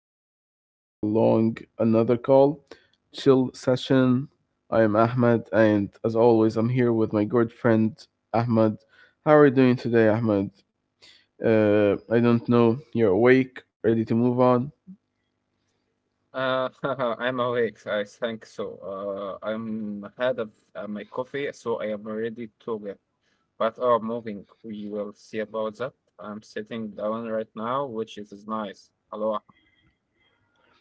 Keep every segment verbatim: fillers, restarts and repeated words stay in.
welcome back to a long another call chill session. I am Ahmed, and as always, I'm here with my good friend Ahmed. How are you doing today, Ahmed? Uh, I don't know. You're awake, ready to move on. Uh, I'm awake. I think so. Uh, I'm had of uh, my coffee, so I am ready to get. But are moving. We will see about that. I'm sitting down right now, which is is nice. Hello.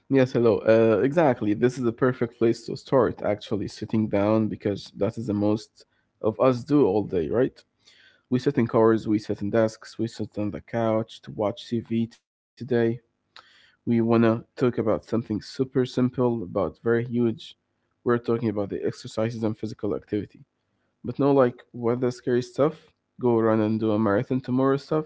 Yes, hello. Uh, exactly. This is the perfect place to start. Actually, sitting down because that is the most of us do all day, right? We sit in cars, we sit in desks, we sit on the couch to watch T V. Today we want to talk about something super simple but very huge. We're talking about the exercises and physical activity. But no, like, what the scary stuff? Go run and do a marathon tomorrow stuff.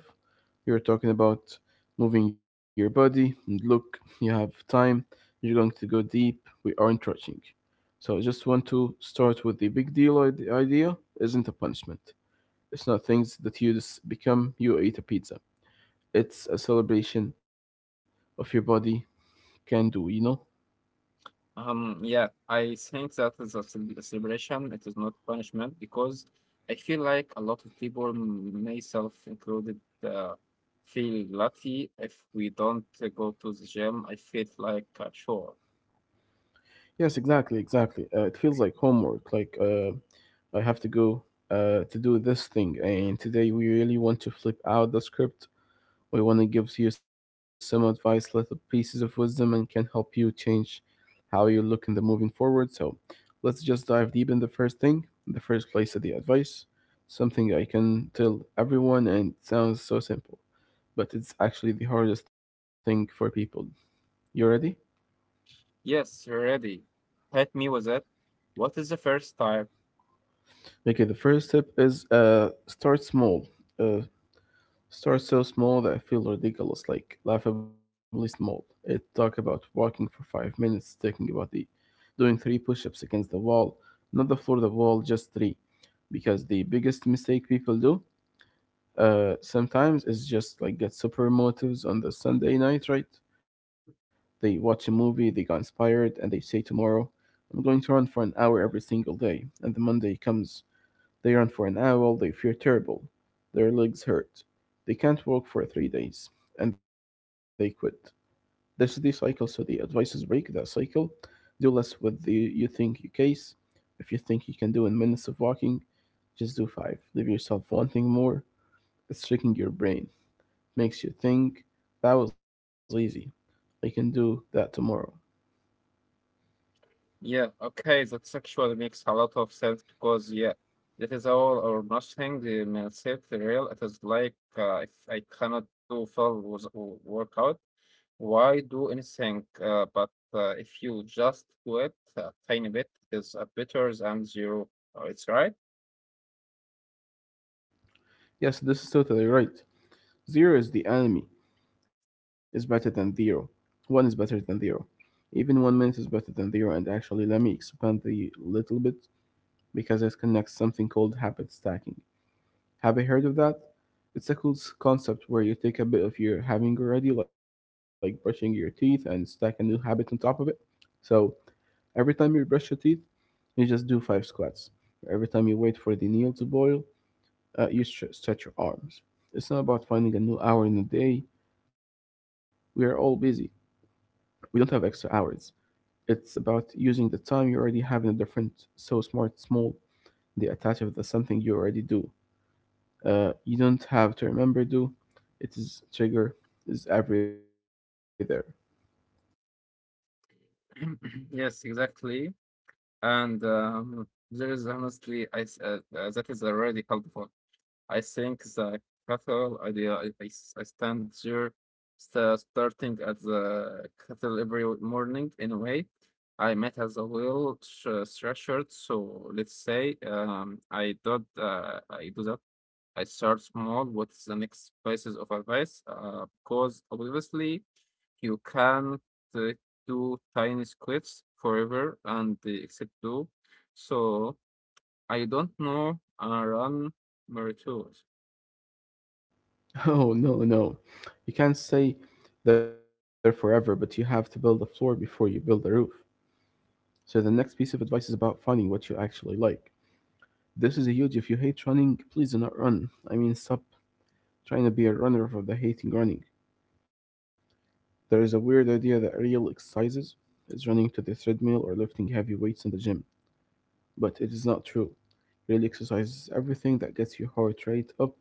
You're talking about moving your body. And look, you have time. You're going to go deep. We aren't rushing. So I just want to start with the big deal idea isn't a punishment. It's not things that you just become you ate a pizza. It's a celebration of your body can do, you know? Um, yeah, I think that is a cel- celebration. It is not punishment because I feel like a lot of people, m- myself included, uh, feel guilty if we don't uh, go to the gym. I feel like a chore. Yes, exactly, exactly. Uh, it feels like homework. Like uh, I have to go uh, to do this thing, and today we really want to flip out the script. We want to give you some advice, little pieces of wisdom, and can help you change how you look in the moving forward. So let's just dive deep in the first thing, the first place of the advice. Something I can tell everyone, and it sounds so simple, but it's actually the hardest thing for people. You ready? Yes, ready. Hit me with it. What is the first type? Okay, the first step is uh, start small. Uh, Start so small that I feel ridiculous, like laughably small. It talk about walking for five minutes, talking about the doing three push-ups against the wall, not the floor, the wall, just three. Because the biggest mistake people do uh, sometimes is just like get super motives on the Sunday night, right? They watch a movie, they got inspired, and they say tomorrow, I'm going to run for an hour every single day. And the Monday comes they run for an hour, they feel terrible. Their legs hurt. They can't walk for three days, and they quit. This is the cycle, so the advice is break that cycle. Do less with the you think you case. If you think you can do in minutes of walking, just do five. Leave yourself wanting more. It's tricking your brain. Makes you think, that was easy. I can do that tomorrow. Yeah, okay, that actually makes a lot of sense because, yeah, that is all or nothing. The mindset, the real, it is like uh, if I cannot do full was- w- workout, why do anything? Uh, but uh, if you just do it a tiny bit, it is a better than zero. Uh, It's right? Yes, this is totally right. Zero is the enemy, is better than zero. One is better than zero. Even one minute is better than zero, and actually, let me expand the little bit because it connects something called habit stacking. Have you heard of that? It's a cool concept where you take a bit of your having already, like brushing your teeth, and stack a new habit on top of it. So every time you brush your teeth, you just do five squats. Every time you wait for the meal to boil, uh, you stretch your arms. It's not about finding a new hour in a day. We are all busy. We don't have extra hours. It's about using the time you already have in a different, so smart, small, they attach with the something you already do. Uh, you don't have to remember do. It is trigger is every there. Yes, exactly. And um, there is honestly, I, s- uh, uh, that is already helpful. I think the cathedral idea, I, I s- I stand there sta- starting at the cathedral every morning in a way. I met as a little sh- threshold, so let's say um, I do uh, I do that. I start small. What's the next pieces of advice? Uh, because obviously you can't uh, do tiny squids forever and uh, except do. So I don't know. I run Mario. Oh no no, you can't say, there forever, but you have to build a floor before you build a roof. So the next piece of advice is about finding what you actually like. This is a huge. If you hate running, please do not run. I mean, stop trying to be a runner for the hating running. There is a weird idea that real exercises is running to the treadmill or lifting heavy weights in the gym, but it is not true. Real exercise is everything that gets your heart rate up,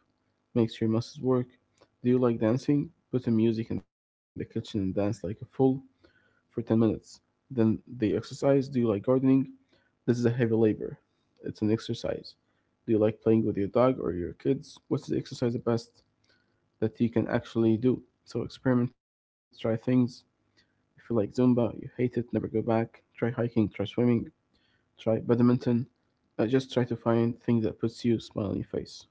makes your muscles work. Do you like dancing? Put in music in the kitchen and dance like a fool for ten minutes. Then the exercise. Do you like gardening? This is a heavy labor. It's an exercise. Do you like playing with your dog or your kids? What's the exercise the best that you can actually do? So experiment, try things, if you like Zumba, you hate it, never go back. Try hiking, try swimming, try badminton. Uh, just try to find things that puts you a smile on your face.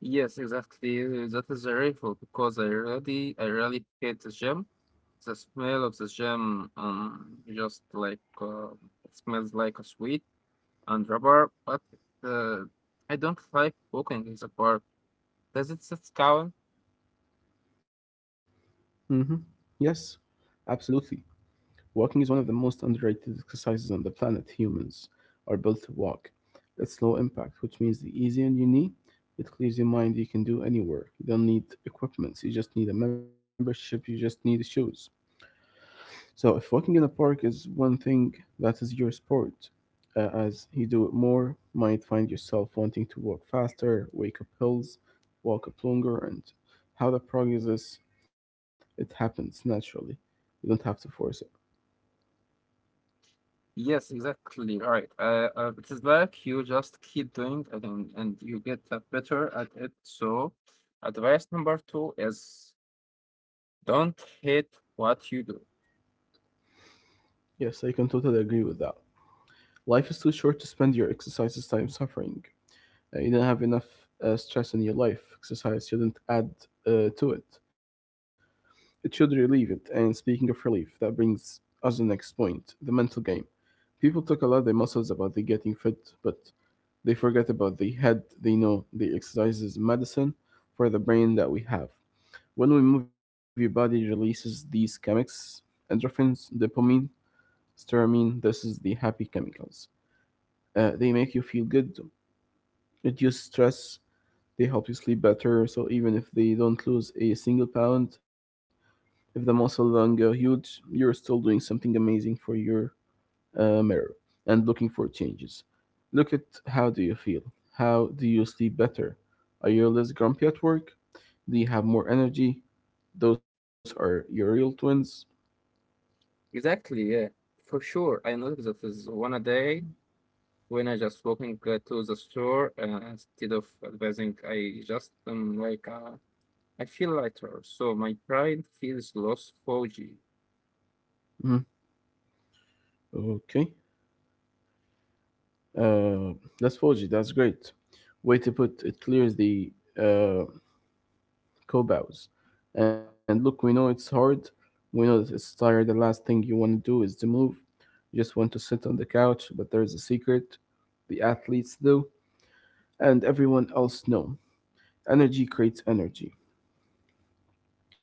Yes, exactly. uh, That is dreadful because I really, I really hate the gym. The smell of the gym, um, just like uh, it smells like a sweet and rubber. But uh, I don't like walking in the park. Does it sit count? Hmm. Yes, absolutely. Walking is one of the most underrated exercises on the planet. Humans are built to walk. It's low impact, which means the easier on your knee. It clears your mind. You can do anywhere. You don't need equipment. You just need a membership. You just need shoes. So, if walking in a park is one thing that is your sport, uh, as you do it more, might find yourself wanting to walk faster, wake up hills, walk up longer, and how the progress is, it happens naturally. You don't have to force it. Yes, exactly. Right. Uh, uh, it is like you just keep doing it and, and you get uh, better at it. So, advice number two is don't hate what you do. Yes, I can totally agree with that. Life is too short to spend your exercises time suffering. Uh, you don't have enough uh, stress in your life. Exercise shouldn't add uh, to it. It should relieve it. And speaking of relief, that brings us to the next point the mental game. People talk about the muscles, about they getting fit, but they forget about the head. They know the exercise is medicine for the brain that we have. When we move, your body releases these chemicals: endorphins, dopamine, serotonin. This is the happy chemicals. Uh, they make you feel good, reduce stress. They help you sleep better. So even if they don't lose a single pound, if the muscle don't go huge, you're still doing something amazing for your uh, mirror and looking for changes. Look at how do you feel? How do you sleep better? Are you less grumpy at work? Do you have more energy? Those are your real twins. Exactly, yeah, for sure. I noticed that is one a day when I just walking uh, to the store uh, instead of advising, I just um, like uh, I feel lighter, so my pride feels less foggy. Mhm. Okay. Uh, that's Foji. That's great. Way to put it clears the uh, cobals. And look, we know it's hard. We know that it's tired. The last thing you want to do is to move. You just want to sit on the couch, but there is a secret. The athletes do. And everyone else know. Energy creates energy.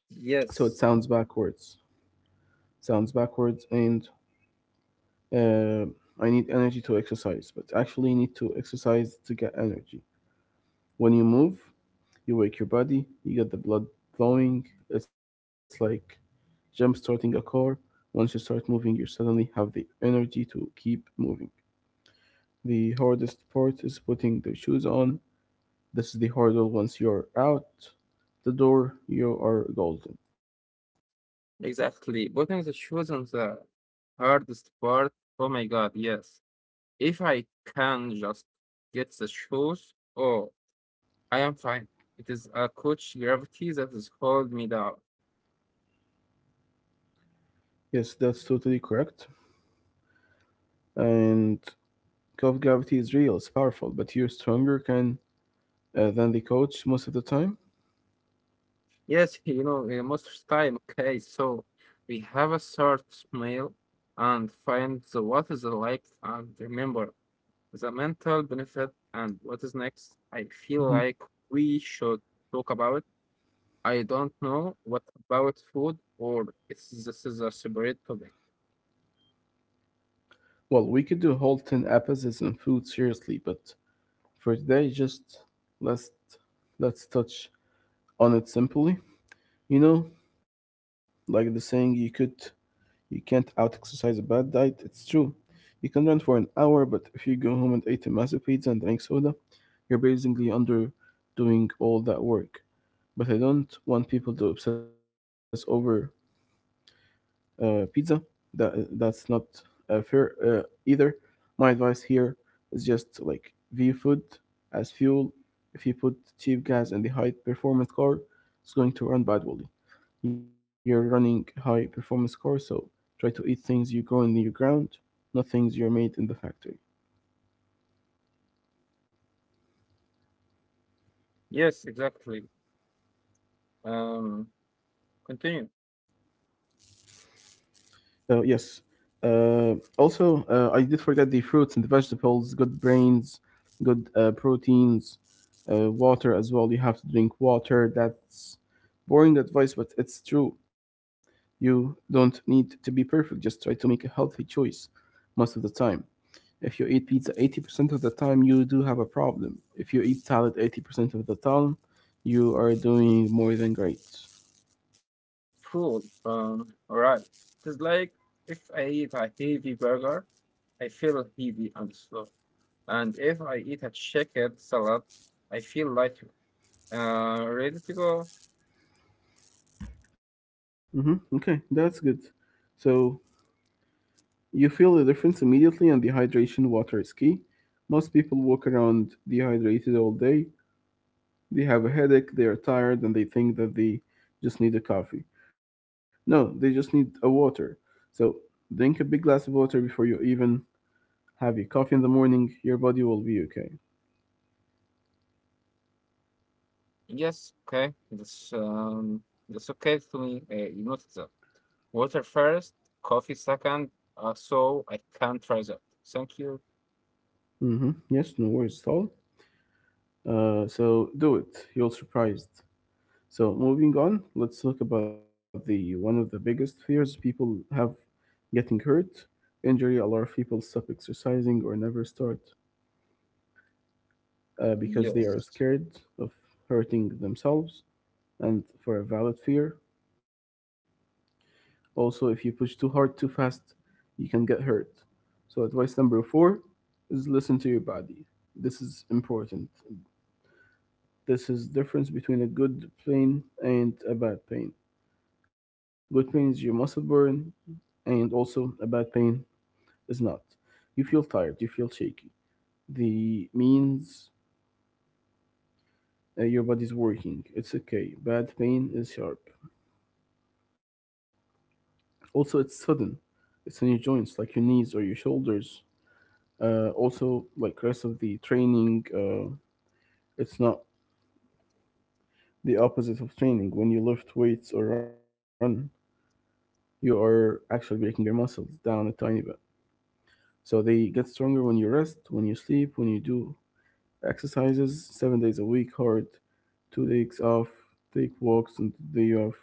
So it sounds Yes, backwards. Sounds backwards, and uh, I need energy to exercise, but actually, you need to exercise to get energy. When you move, you wake your body, you get the blood flowing. It's like jump starting a car. Once you start moving, you suddenly have the energy to keep moving. The hardest part is putting the shoes on. This is the hurdle. Once you're out the door, you are golden. exactly. Putting the shoes on the hardest part. Oh my God, yes. If I can just get the shoes, oh, I am fine. It is a coach gravity that is hold me down. Yes, that's totally correct. And Cove gravity is real, it's powerful, but you're stronger can, uh, than the coach most of the time. Yes, you know, uh, most of the time, okay, so we have a short meal and find the what is the like and remember the mental benefit and what is next. I feel Mhm. like we should talk about. I don't know what about food or it's this is a separate topic. Well, we could do a whole ten episodes on food, seriously, but for today, just let's, let's touch on it simply. You know, like the saying, you could you can't out-exercise a bad diet. It's true. You can run for an hour, but if you go home and eat a massive pizza and drink soda, you're basically under doing all that work. But I don't want people to obsess over uh, pizza. That that's not uh, fair uh, either. My advice here is just like view food as fuel. If you put cheap gas in the high performance car, it's going to run badly. You're running high performance car, so try to eat things you grow in the ground, not things you're made in the factory. Yes, exactly. Um, Continue. Uh, yes. Uh, also, uh, I did forget the fruits and the vegetables, good brains, good uh, proteins, uh, water as well. You have to drink water. That's boring advice, but it's true. You don't need to be perfect, just try to make a healthy choice most of the time. If you eat pizza eighty percent of the time, you do have a problem. If you eat salad eighty percent of the time, you are doing more than great. Food. Um, all right. It's like if I eat a heavy burger, I feel heavy and slow. And if I eat a chicken salad, I feel lighter. Uh, ready to go? Hmm. Okay, that's good. So, you feel the difference immediately, and dehydration water is key. Most people walk around dehydrated all day. They have a headache, they are tired, and they think that they just need a coffee. No, they just need a water. So, drink a big glass of water before you even have your coffee in the morning. Your body will be okay. Yes. Okay. That's um, that's okay to me. Uh, you notice that. Water first, coffee second. Uh, so I can try that. Thank you. Mm-hmm. Yes, no worries at all. Uh, so, do it. You'll surprised. So moving on, let's talk about the one of the biggest fears people have getting hurt. Injury a lot of people stop exercising or never start uh, because they are Yes. scared of hurting themselves and for a valid fear. Also, if you push too hard too fast, you can get hurt. So advice number four is listen to your body. This is important. This is difference between a good pain and a bad pain. Good pain is your muscle burn, and also about pain is not. You feel tired, you feel shaky. The means uh, your body's working. It's okay. Bad pain is sharp. Also, it's sudden. It's in your joints, like your knees or your shoulders. Uh, also, like rest of the training, uh, it's not the opposite of training. When you lift weights or run, you are actually breaking your muscles down a tiny bit. So they get stronger when you rest, when you sleep, when you do exercises seven days a week, hard, two days off, take walks and the day off.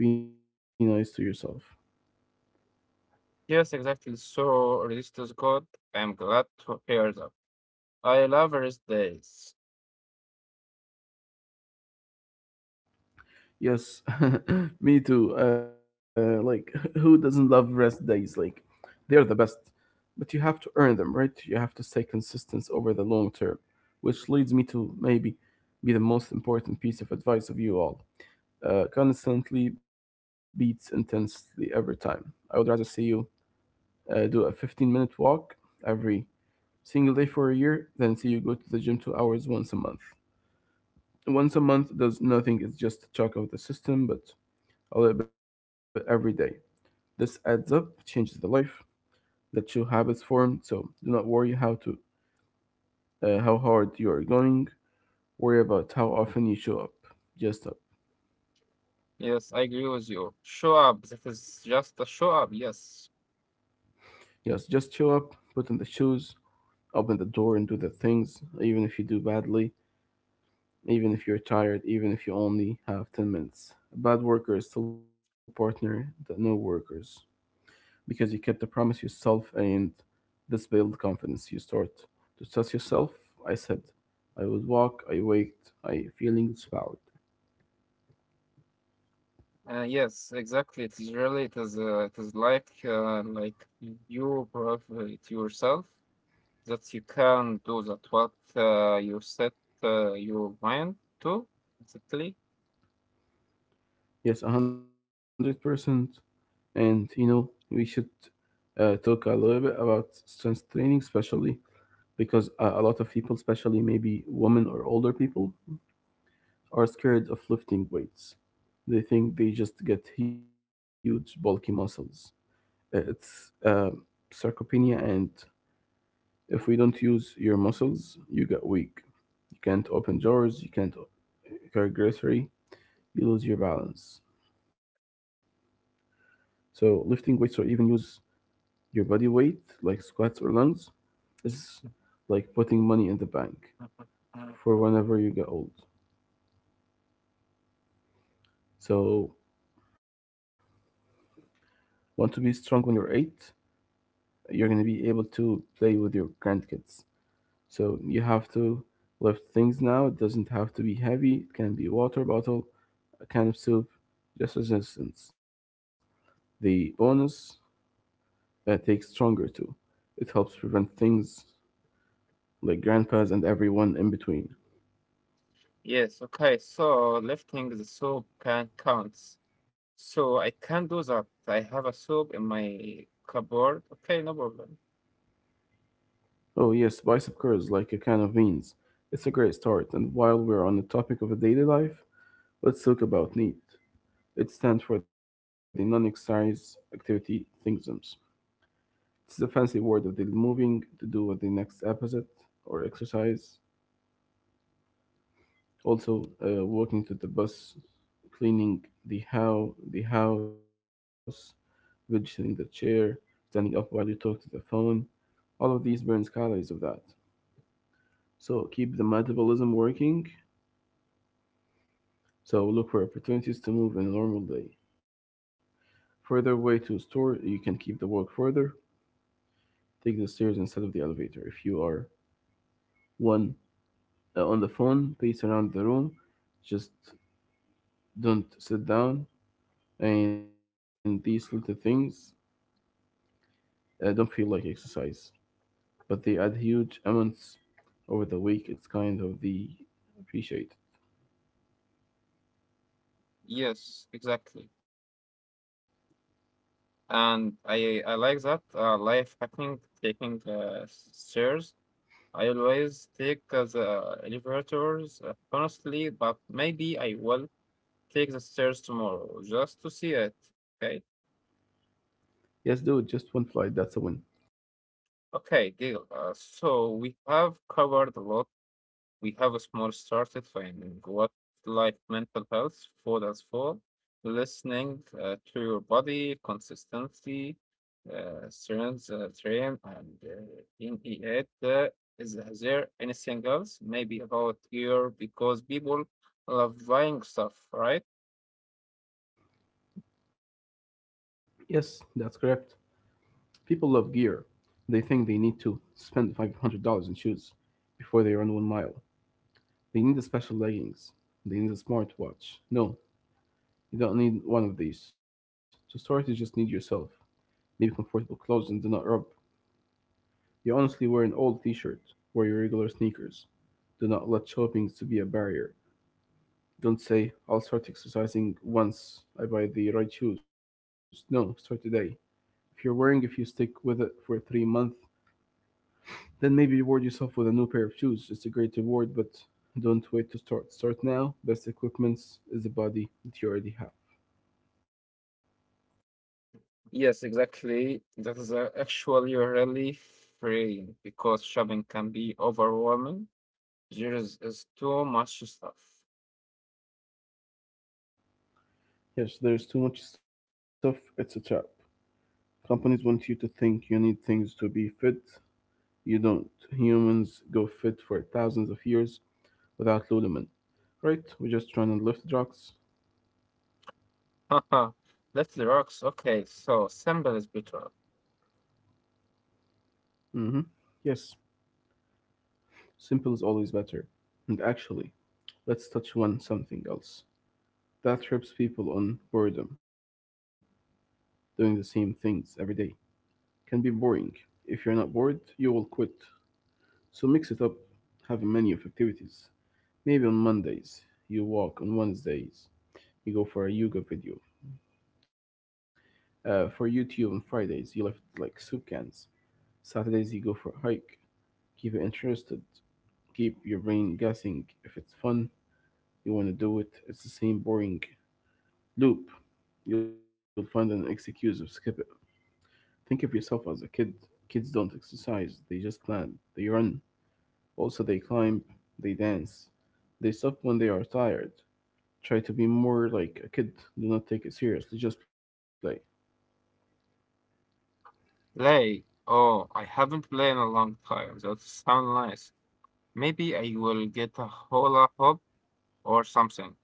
Be nice to yourself. Yes, exactly. So, Resist is good. I'm glad to hear that. I love rest days. Yes, me too. Uh, like, who doesn't love rest days? Like, they are the best, but you have to earn them, right? You have to stay consistent over the long term, which leads me to maybe be the most important piece of advice of you all. Uh, constantly beats intensely every time. I would rather see you uh, do a fifteen minute walk every single day for a year, then see you go to the gym two hours once a month. Once a month does nothing, it's just a shock of the system, but a little bit every day. This adds up, changes the life that you habits formed, so do not worry how to uh, how hard you are going. Worry about how often you show up. Just up. Yes, I agree with you. Show up. That is just a show up. Yes. Yes, just show up, put on the shoes, open the door and do the things, even if you do badly, even if you're tired, even if you only have ten minutes. A bad worker is still partner that no workers, because you kept the promise yourself, and this build confidence. You start to trust yourself. I said, I would walk. I waked. I feeling inspired. Uh, yes, exactly. It is really. It is. Uh, it is like uh, like you prove it yourself that you can do that. What uh, you set uh, your mind to exactly. Yes, a hundred percent. And you know, we should uh, talk a little bit about strength training, especially because uh, a lot of people, especially maybe women or older people, are scared of lifting weights. They think they just get huge bulky muscles. Uh, It's uh, sarcopenia and if we don't use your muscles, you get weak. You can't open drawers, you can't carry grocery, you lose your balance. So lifting weights or even use your body weight, like squats or lunges, is like putting money in the bank for whenever you get old. So want to be strong when you're eight, you're gonna be able to play with your grandkids. So you have to lift things now. It doesn't have to be heavy. It can be a water bottle, a can of soup, just as instance. The bonus uh, takes stronger too. It helps prevent things like grandpas and everyone in between. Yes. Okay. So lifting the soap can counts. So I can do that. I have a soap in my cupboard. Okay, no problem. Oh yes, bicep curls like a can of beans. It's a great start, and while we're on the topic of a daily life, let's talk about NEAT. It stands for the non-exercise activity things. It's the fancy word of the moving to do with the next episode or exercise. Also, uh, walking to the bus, cleaning the how the house, registering the chair, standing up while you talk to the phone. All of these burns calories of that. So keep the metabolism working. So look for opportunities to move in a normal day. Further way to store, you can keep the walk further. Take the stairs instead of the elevator. If you are one uh, on the phone, pace around the room. Just don't sit down. And these little things I don't feel like exercise, but they add huge amounts over the week. It's kind of the appreciate. Yes, exactly. And I I like that uh, life hacking taking uh, s- stairs. I always take uh, the elevators uh, honestly, but maybe I will take the stairs tomorrow just to see it. Okay, Yes, dude, just one flight. That's a win. okay, deal. Uh, so we have covered a lot. We have a small started at finding what like mental health, food as for, listening uh, to your body, consistency, uh, strength, uh, train, and uh, in it. Uh, is there anything else? Maybe about gear because people love buying stuff, right? Yes, that's correct. People love gear. They think they need to spend five hundred dollars in shoes before they run one mile. They need the special leggings. They need a smartwatch. No, you don't need one of these. To start, you just need yourself. Maybe comfortable clothes and do not rub. You honestly wear an old t-shirt. Wear your regular sneakers. Do not let shopping to be a barrier. Don't say, I'll start exercising once I buy the right shoes. No, start today. If you're wearing, if you stick with it for three months, then maybe reward yourself with a new pair of shoes. It's a great reward, but don't wait to start. Start now. Best equipment is the body that you already have. Yes, exactly. That is uh, actually really freeing because shopping can be overwhelming. There is, is too much stuff. Yes, there's too much stuff. It's a trap. Companies want you to think you need things to be fit. You don't. Humans go fit for thousands of years without Lululemon, right? We just try and lift rocks. Haha, let the rocks. Okay, so simple is better. Mm-hmm. Yes, simple is always better. And actually, let's touch on something else. That trips people on boredom. Doing the same things every day can be boring. If you're not bored, you will quit. So mix it up. Have a menu of activities. Maybe on Mondays, you walk. On Wednesdays, you go for a yoga video. Uh, for YouTube on Fridays, you lift like soup cans. Saturdays, you go for a hike. Keep it interested. Keep your brain guessing. If it's fun, you want to do it. It's the same boring loop. You'll find an excuse of skip it. Think of yourself as a kid. Kids don't exercise, they just plan. They run. Also, they climb, they dance. They stop when they are tired. Try to be more like a kid. Do not take it seriously, just play. Play. Oh, I haven't played in a long time. That sounds nice. Maybe I will get a hula hoop or something.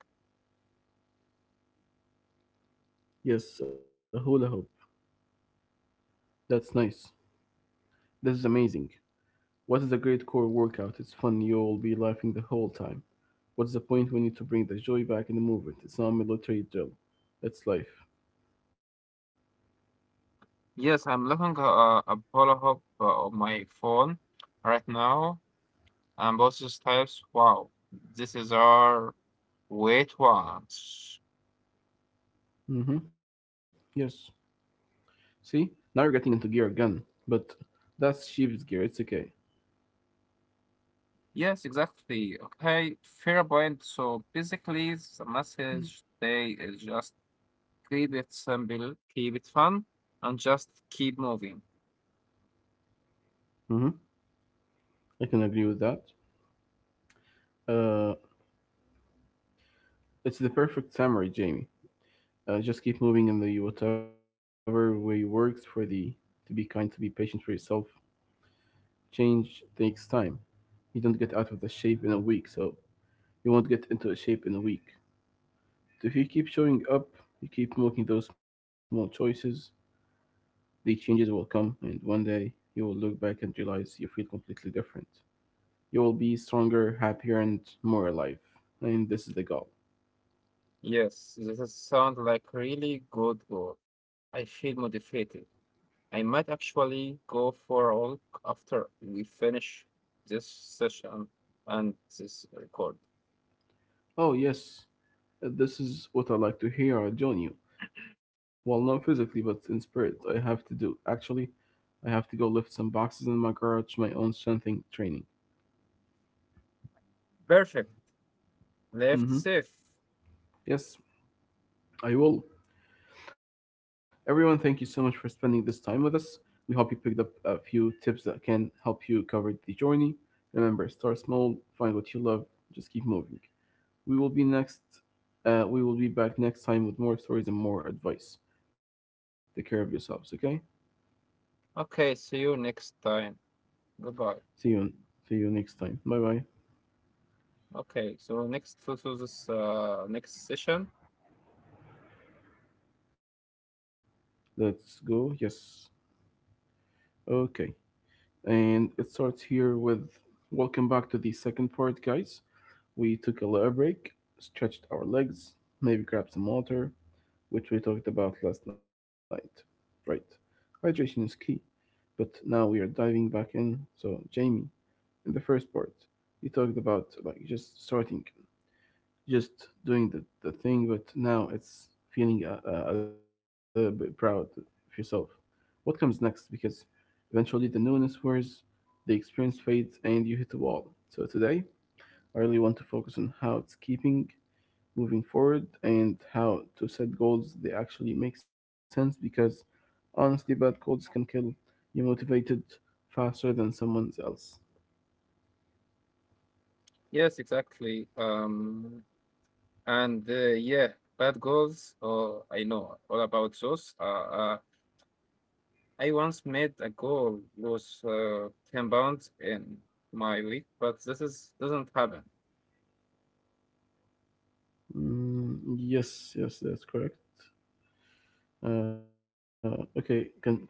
Yes, a hula hoop. That's nice. This is amazing. What is a great core workout? It's fun. You'll be laughing the whole time. What's the point? We need to bring the joy back in the movement. It's not military drill. That's life. Yes, I'm looking at a, a hula hoop uh, on my phone right now. And both these types. Wow, this is our wait ones. Mm-hmm. Yes. See? Now you're getting into gear again. But that's sheep's gear. It's okay. Yes, exactly. Okay, fair point. So basically, the message today is just keep it simple, keep it fun, and just keep moving. Mm-hmm. I can agree with that. Uh, it's the perfect summary, Jamie. Uh, just keep moving in the whatever way works for the to be kind, to be patient for yourself. Change takes time. You don't get out of the shape in a week, so you won't get into a shape in a week. So if you keep showing up, you keep making those small choices, the changes will come, and one day you will look back and realize you feel completely different. You will be stronger, happier, and more alive. And this is the goal. Yes, this is sound like really good goal. I feel motivated. I might actually go for a walk after we finish this session and this record. Oh, yes, this is what I like to hear. I join you. Well, not physically, but in spirit. I have to do. Actually, I have to go lift some boxes in my garage, my own strengthening training. Perfect. Left Mm-hmm. safe. Yes, I will. Everyone, thank you so much for spending this time with us. We hope you picked up a few tips that can help you cover the journey. Remember, start small, find what you love, just keep moving. We will be next. Uh, we will be back next time with more stories and more advice. Take care of yourselves, okay? Okay, see you next time. Goodbye. See you. See you next time. Bye bye. Okay, so next to to this uh, next session. Let's go. Yes. Okay. And it starts here with welcome back to the second part, guys. We took a little break, stretched our legs, maybe grabbed some water, which we talked about last night. Right. Hydration is key, but now we are diving back in. So, Jamie, in the first part, you talked about like just starting, just doing the, the thing, but now it's feeling a, a little bit proud of yourself. What comes next? Because eventually the newness wears, the experience fades, and you hit a wall. So, today, I really want to focus on how it's keeping moving forward and how to set goals they actually make sense because honestly bad goals can kill you motivated faster than someone else. Yes, exactly. Um, And uh, yeah, bad goals. Oh, I know all about those. Uh, uh, I once made a goal was uh, ten pounds in my week, but this is doesn't happen. Mm, yes yes that's correct. Uh, okay, con- continue please.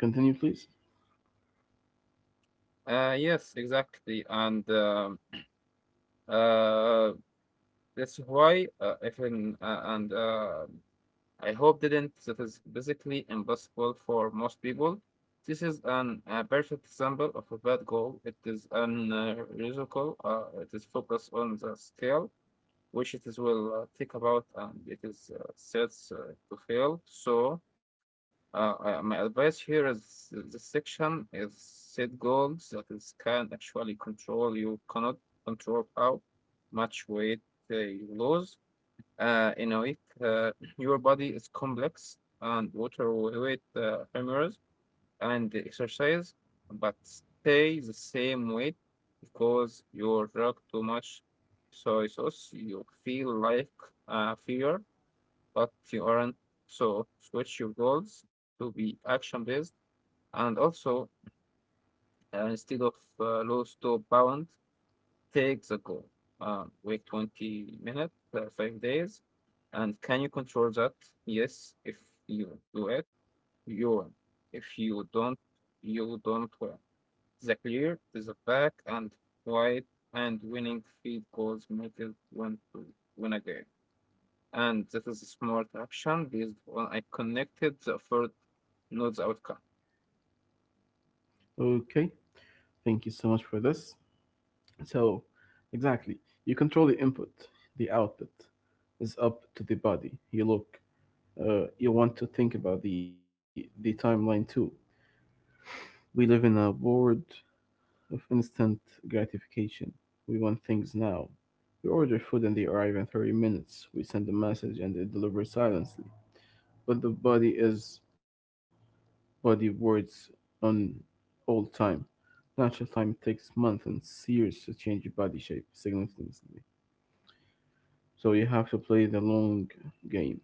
Uh, yes, exactly, and um, uh, that's why uh, if in uh, and uh, I hope didn't. That is basically impossible for most people. This is an a perfect example of a bad goal. It is an uh, musical. Uh, it is focused on the scale which it is will uh, think about and it is uh, sets uh, to fail. So uh, uh, my advice here is the section is set goals that is can actually control you cannot control how much weight uh, you lose uh, in a week. Uh, your body is complex and water weight uh, humors and exercise, but stay the same weight because you drink too much soy sauce. You feel like a failure, but you aren't. So switch your goals to be action based, and also uh, instead of uh, lose two pounds, take the goal. Uh, wait twenty minutes, uh, five days, and can you control that? Yes, if you do it, you win. If you don't, you don't win. The clear, the back, and white, and winning field goals make it one to win a game. And that is a smart action based on I connected the effort, not the outcome. Okay, thank you so much for this. So exactly, you control the input, the output is up to the body you look. Uh, you want to think about the the timeline too. We live in a world of instant gratification. We want things now. We order food and they arrive in thirty minutes. We send a message and they deliver silently. But the body is body words on all time. Natural time takes months and years to change your body shape significantly. So you have to play the long game.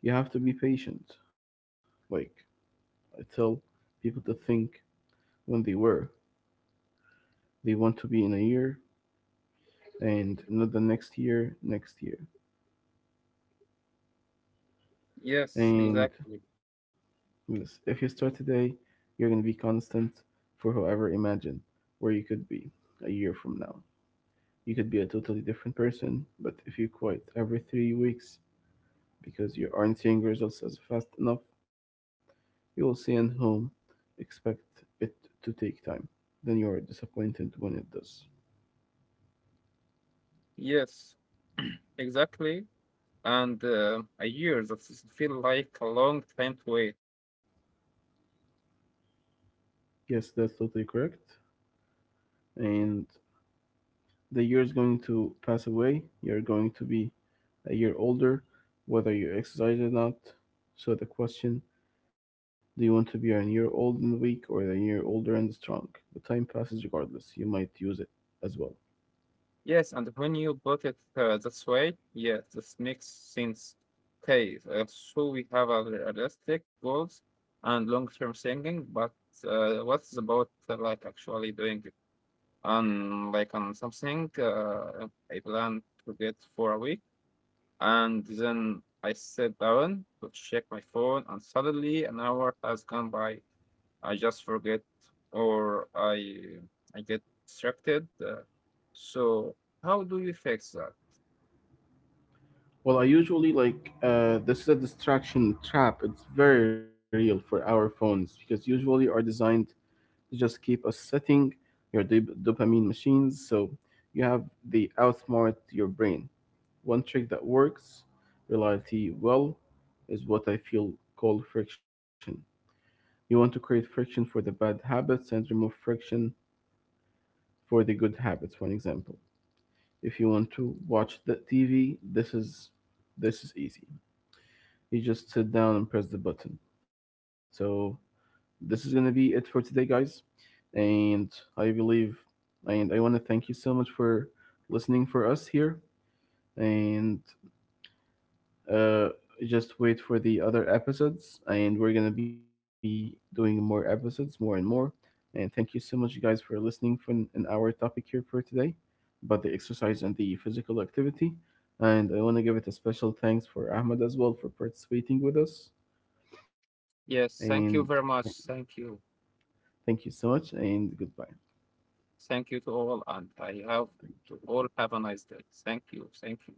You have to be patient. Like I tell people to think when they were. They want to be in a year and not the next year, next year. Yes, And exactly. yes, if you start today, you're going to be constant for however. Imagine where you could be a year from now. You could be a totally different person, but if you quit every three weeks because you aren't seeing results as fast enough, you will see and home. Expect it to take time. Then you are disappointed when it does. Yes, exactly. And uh, a year that is feel like a long time to wait. Yes, that's totally correct. And the year is going to pass away. You're going to be a year older, whether you exercise or not. So the question, do you want to be a year old and weak or a year older and strong? The time passes regardless. You might use it as well. Yes, and when you put it uh, this way, yes, this makes sense. Okay, uh, so we have our realistic goals and long-term thinking, but uh, what's about uh, like actually doing it on like on something uh, I plan to get for a week? And then I sat down to check my phone, and suddenly an hour has gone by. I just forget, or I I get distracted. Uh, so how do you fix that? Well, I usually like, uh, this is a distraction trap. It's very real for our phones because usually are designed to just keep us sitting your dop- dopamine machines, so you have the outsmart your brain. One trick that works reality well is what I feel called friction. You want to create friction for the bad habits and remove friction for the good habits. For an example, if you want to watch the TV, this is this is easy. You just sit down and press the button. So this is going to be it for today guys, and I believe, and I want to thank you so much for listening for us here, and uh just wait for the other episodes and we're going to be doing more episodes more and more, and thank you so much guys for listening for an an hour topic here for today about the exercise and the physical activity, and I want to give it a special thanks for Ahmed as well for participating with us. And Yes, thank you very much. Thank you, thank you so much and goodbye. thank you to all, and I have Thank you, to all thank have you. a nice day. Thank you, thank you.